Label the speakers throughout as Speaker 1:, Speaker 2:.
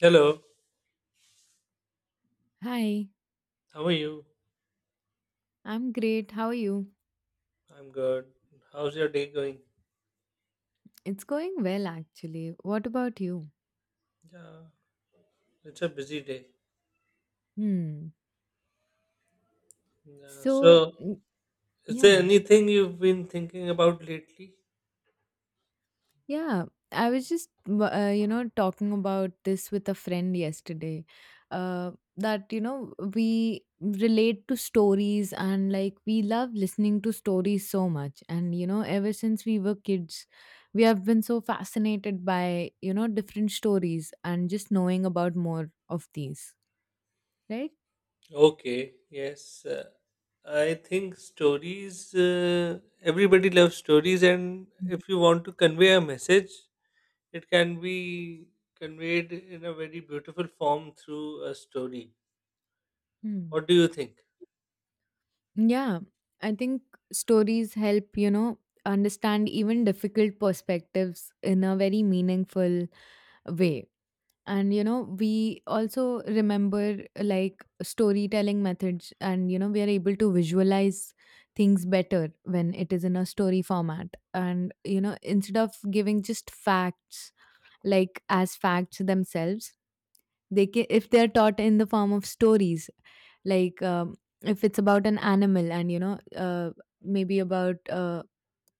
Speaker 1: Hello,
Speaker 2: Hi,
Speaker 1: how are you?
Speaker 2: I'm great. How are you?
Speaker 1: I'm good. How's your day going?
Speaker 2: It's going well, actually. What about you?
Speaker 1: Yeah, it's a busy day.
Speaker 2: Hmm.
Speaker 1: Yeah.
Speaker 2: So,
Speaker 1: Is there
Speaker 2: yeah,
Speaker 1: anything you've been thinking about lately?
Speaker 2: yeah. I was just, talking about this with a friend yesterday. Uh, that, we relate to stories, and like we love listening to stories so much. And, ever since we were kids, we have been so fascinated by, different stories and just knowing about more of these, right?
Speaker 1: Okay, yes. I think stories, everybody loves stories, and
Speaker 2: Mhm.
Speaker 1: if you want to convey a message, it can be conveyed in a very beautiful form through a story.
Speaker 2: Hmm.
Speaker 1: What do you think?
Speaker 2: Yeah, I think stories help, understand even difficult perspectives in a very meaningful way. And, we also remember like storytelling methods, and, we are able to visualize things better when it is in a story format. And, instead of giving just facts, like as facts themselves, they can if they are taught in the form of stories, like if it's about an animal, and maybe about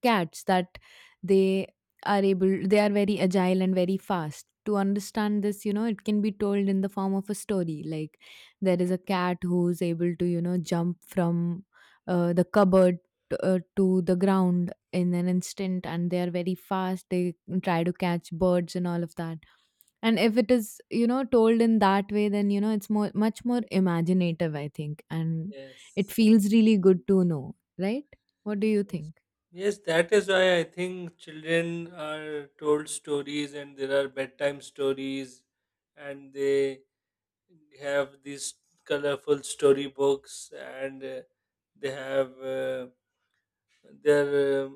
Speaker 2: cats that they they are very agile and very fast. To understand this, it can be told in the form of a story, like there is a cat who's able to, jump from the cupboard to the ground in an instant, and they are very fast. They try to catch birds and all of that. And if it is, told in that way, then, it's much more imaginative, I think. And it
Speaker 1: Yes.
Speaker 2: feels really good to know, right? What do you
Speaker 1: Yes,
Speaker 2: think?
Speaker 1: Yes, that is why I think children are told stories and there are bedtime stories and they have these colorful storybooks and they have they're uh,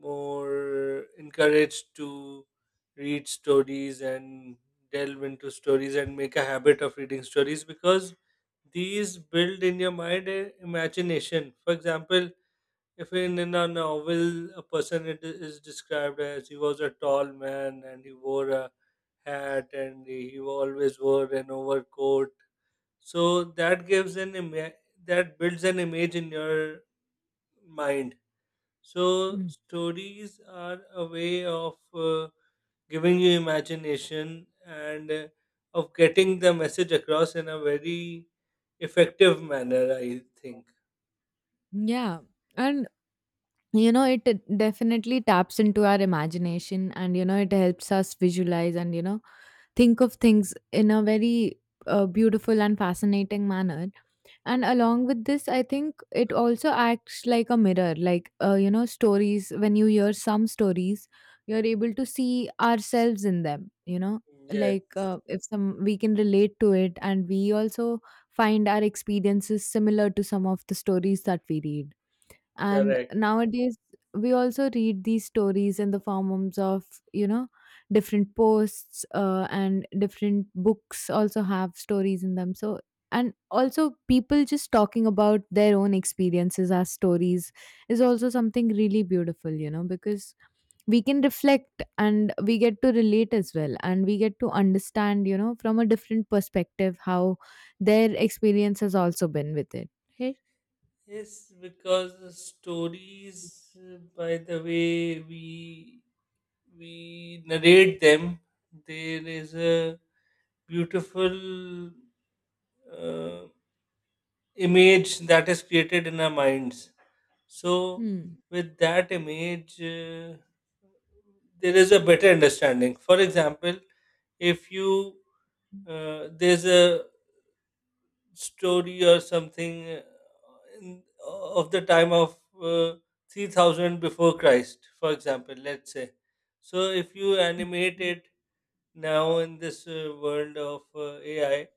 Speaker 1: more encouraged to read stories and delve into stories and make a habit of reading stories because these build in your mind a imagination. For example, if in a novel a person it is described as he was a tall man and he wore a hat and he always wore an overcoat, so that gives that builds an image in your mind. So
Speaker 2: Mm.
Speaker 1: stories are a way of giving you imagination and of getting the message across in a very effective manner. I think
Speaker 2: Yeah. And, it definitely taps into our imagination, and, it helps us visualize and, think of things in a very beautiful and fascinating manner. And along with this, I think it also acts like a mirror. Like, stories, when you hear some stories, you're able to see ourselves in them. Like,
Speaker 1: yes,
Speaker 2: if some we can relate to it, and we also find our experiences similar to some of the stories that we read. And
Speaker 1: correct.
Speaker 2: nowadays, we also read these stories in the forms of, you know different posts, and different books also have stories in them. So, and also people just talking about their own experiences as stories is also something really beautiful, because we can reflect and we get to relate as well, and we get to understand, from a different perspective, how their experience has also been with it, right?
Speaker 1: Yes, because the stories, by the way we narrate them, there is a beautiful uh, image that is created in our minds. So,
Speaker 2: Hmm.
Speaker 1: with that image, there is a better understanding. For example, if you there's a story or something in, of the time of 3000 before Christ, for example, let's say. So, if you animate it now in this world of AI,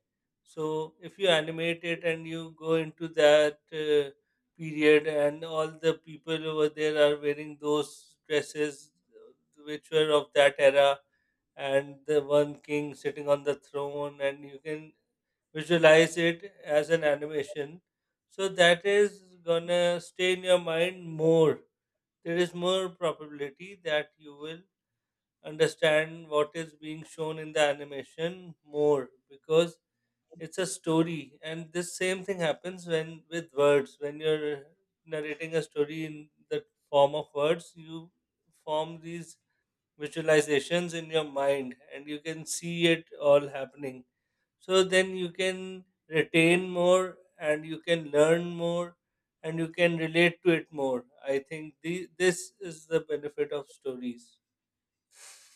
Speaker 1: so if you animate it and you go into that period, and all the people over there are wearing those dresses which were of that era, and the one king sitting on the throne, and you can visualize it as an animation. So that is gonna stay in your mind more. There is more probability that you will understand what is being shown in the animation more because it's a story, and this same thing happens when with words. When you're narrating a story in the form of words, you form these visualizations in your mind and you can see it all happening. So then you can retain more and you can learn more and you can relate to it more. I think this is the benefit of stories.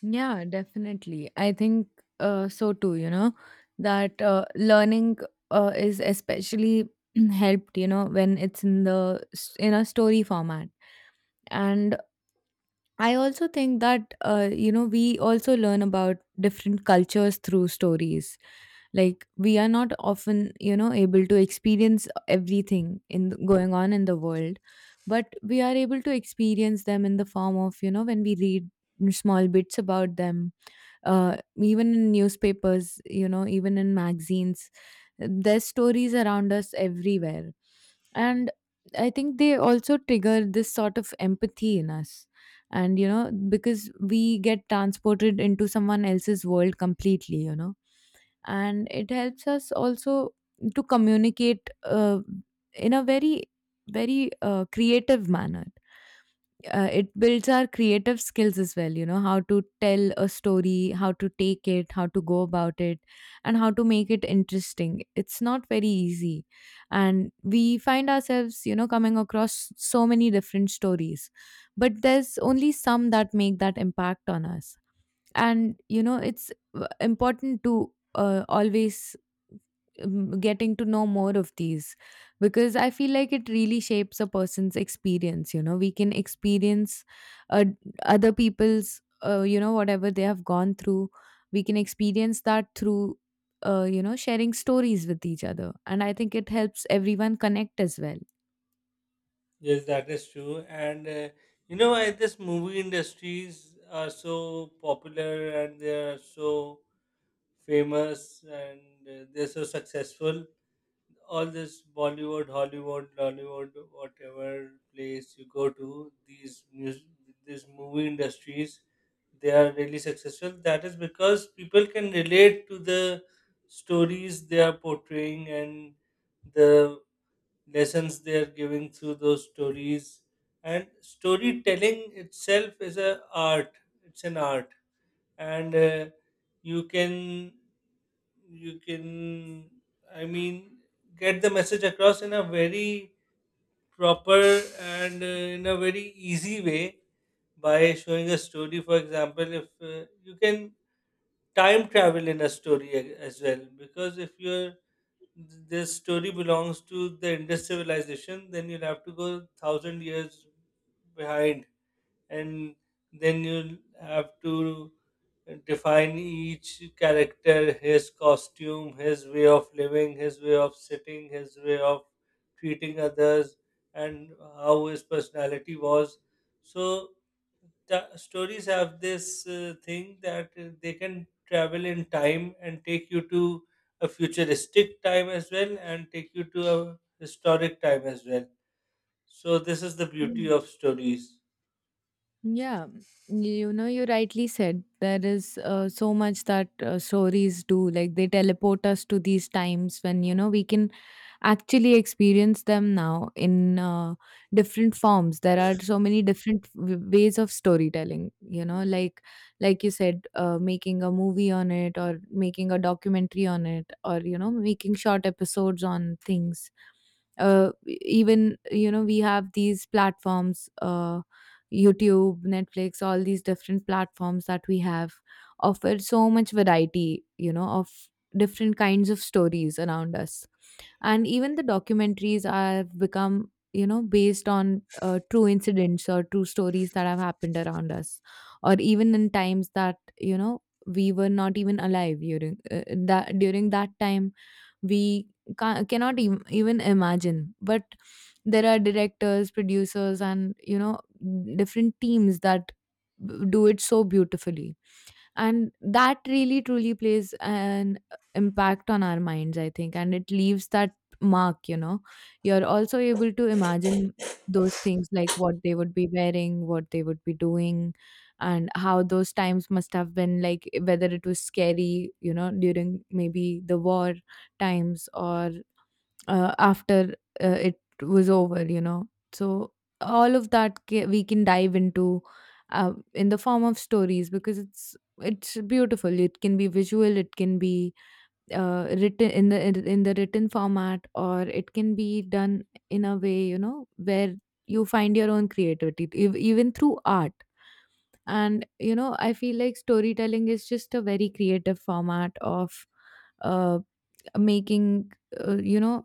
Speaker 2: Yeah, definitely. I think so too, that learning is especially helped, when it's in a story format. And I also think that we also learn about different cultures through stories. Like, we are not often, able to experience everything going on in the world, but we are able to experience them in the form of, when we read small bits about them, even in newspapers, even in magazines. There's stories around us everywhere, and I think they also trigger this sort of empathy in us. And because we get transported into someone else's world completely, and it helps us also to communicate, in a very, very creative manner. It builds our creative skills as well. How to tell a story, how to take it, how to go about it, and how to make it interesting, it's not very easy. And we find ourselves, coming across so many different stories, but there's only some that make that impact on us. And it's important to always getting to know more of these, because I feel like it really shapes a person's experience. We can experience, uh, other people's, whatever they have gone through. We can experience that through, sharing stories with each other. And I think it helps everyone connect as well.
Speaker 1: Yes, that is true. And you know, this movie industries are so popular and they are so famous and they're so successful, all this Bollywood, Hollywood, Lollywood, whatever place you go to, these movie industries, they are really successful. That is because people can relate to the stories they are portraying and the lessons they are giving through those stories. And storytelling itself is a art. It's an art, and you can you can i mean get the message across in a very proper and in a very easy way by showing a story. For example, if you can time travel in a story as well, because if your this story belongs to the Indus civilization, then you'll have to go thousand years behind, and then you have to define each character, his costume, his way of living, his way of sitting, his way of treating others, and how his personality was. So the stories have this thing that they can travel in time and take you to a futuristic time as well and take you to a historic time as well. So this is the beauty
Speaker 2: Mm.
Speaker 1: of stories.
Speaker 2: Yeah, you rightly said there is so much that stories do. Like, they teleport us to these times when, we can actually experience them now in different forms. There are so many different ways of storytelling, like you said, making a movie on it, or making a documentary on it, or, making short episodes on things. Even, we have these platforms, YouTube, Netflix, all these different platforms that we have offer so much variety, of different kinds of stories around us. And even the documentaries have become, based on true incidents or true stories that have happened around us, or even in times that, we were not even alive during that time. We cannot even imagine. But there are directors, producers, and, different teams that do it so beautifully. And that really truly plays an impact on our minds, I think, and it leaves that mark, you're also able to imagine those things, like what they would be wearing, what they would be doing, and how those times must have been, like whether it was scary, during maybe the war times, or after, it was over. So all of that, we can dive into, in the form of stories, because it's beautiful. It can be visual, it can be written in the written format, or it can be done in a way, where you find your own creativity, even through art. And I feel like storytelling is just a very creative format of, uh, making, uh, you know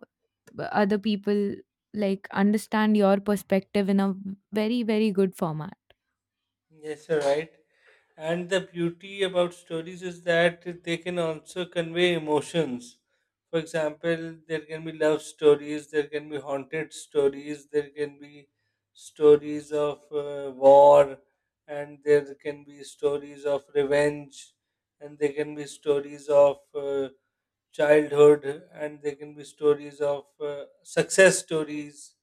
Speaker 2: other people like understand your perspective in a very, very good format.
Speaker 1: Yes, you're right. And the beauty about stories is that they can also convey emotions. For example, there can be love stories, there can be haunted stories, there can be stories of war, and there can be stories of revenge, and there can be stories of childhood, and there can be stories of success stories,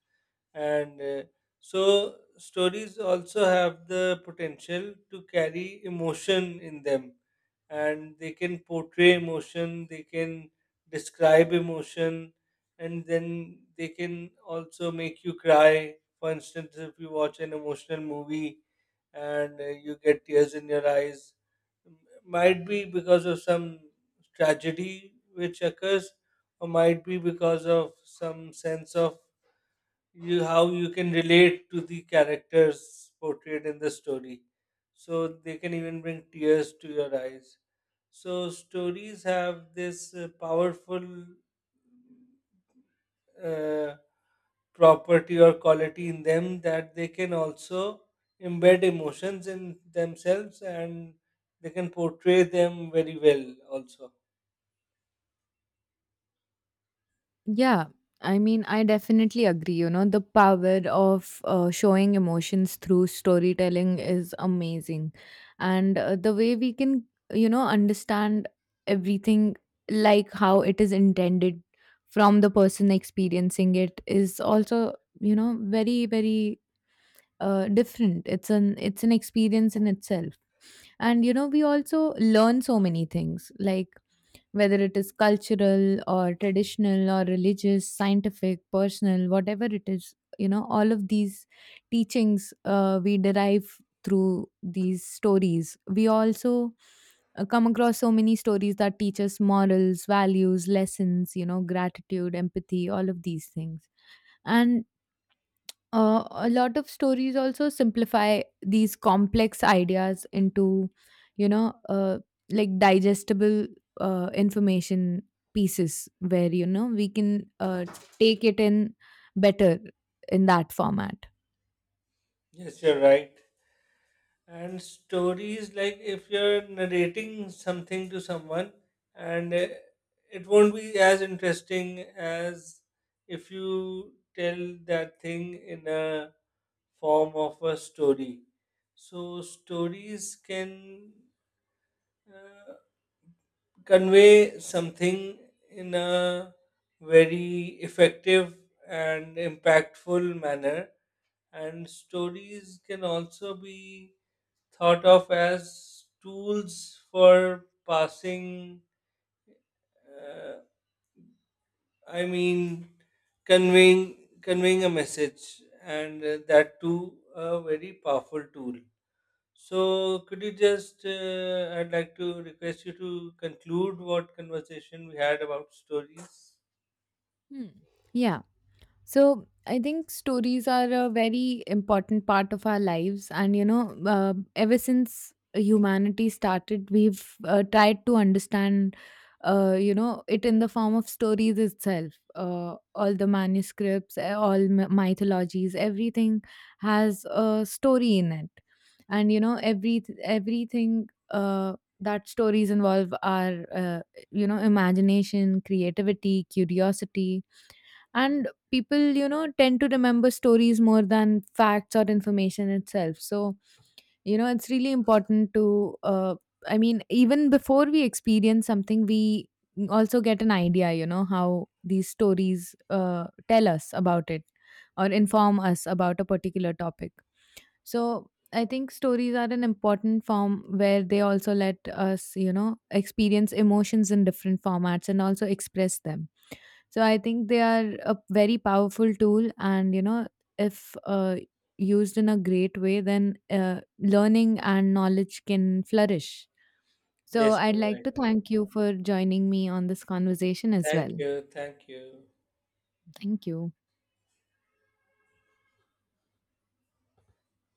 Speaker 1: and so stories also have the potential to carry emotion in them, and they can portray emotion, they can describe emotion, and then they can also make you cry. For instance, if you watch an emotional movie and you get tears in your eyes, m- might be because of some tragedy which occurs, or might be because of some sense of you, how you can relate to the characters portrayed in the story, so they can even bring tears to your eyes. So stories have this powerful uh, property or quality in them, that they can also embed emotions in themselves, and they can portray them very well also.
Speaker 2: Yeah, I mean, I definitely agree. The power of showing emotions through storytelling is amazing. And the way we can, understand everything like how it is intended from the person experiencing it is also, you know, very, very different. It's an experience in itself. And we also learn so many things, like whether it is cultural or traditional or religious, scientific, personal, whatever it is, all of these teachings, we derive through these stories. We also, come across so many stories that teach us morals, values, lessons, gratitude, empathy, all of these things. And a lot of stories also simplify these complex ideas into, you know, uh, like digestible information pieces where, we can take it in better in that format.
Speaker 1: Yes, you're right. And stories, like if you're narrating something to someone, and it won't be as interesting as if you tell that thing in a form of a story. So, stories can uh, convey something in a very effective and impactful manner, and stories can also be thought of as tools for passing uh, i mean conveying conveying a message, and that too a very powerful tool. So could you just I'd like to request you to conclude what conversation we had about stories.
Speaker 2: Hmm. Yeah. So I think stories are a very important part of our lives, and, ever since humanity started, we've tried to understand, it in the form of stories itself. All the manuscripts, all mythologies, everything has a story in it, and, everything. That stories involve are, imagination, creativity, curiosity. And people, tend to remember stories more than facts or information itself. So, it's really important to, I mean, even before we experience something, we also get an idea, how these stories, tell us about it or inform us about a particular topic. So I think stories are an important form where they also let us, experience emotions in different formats and also express them. So I think they are a very powerful tool, and, if used in a great way, then learning and knowledge can flourish. So
Speaker 1: Yes,
Speaker 2: I'd
Speaker 1: you're
Speaker 2: like
Speaker 1: right.
Speaker 2: to thank you for joining me on this conversation as
Speaker 1: Thank
Speaker 2: well.
Speaker 1: you. Thank you.
Speaker 2: Thank you.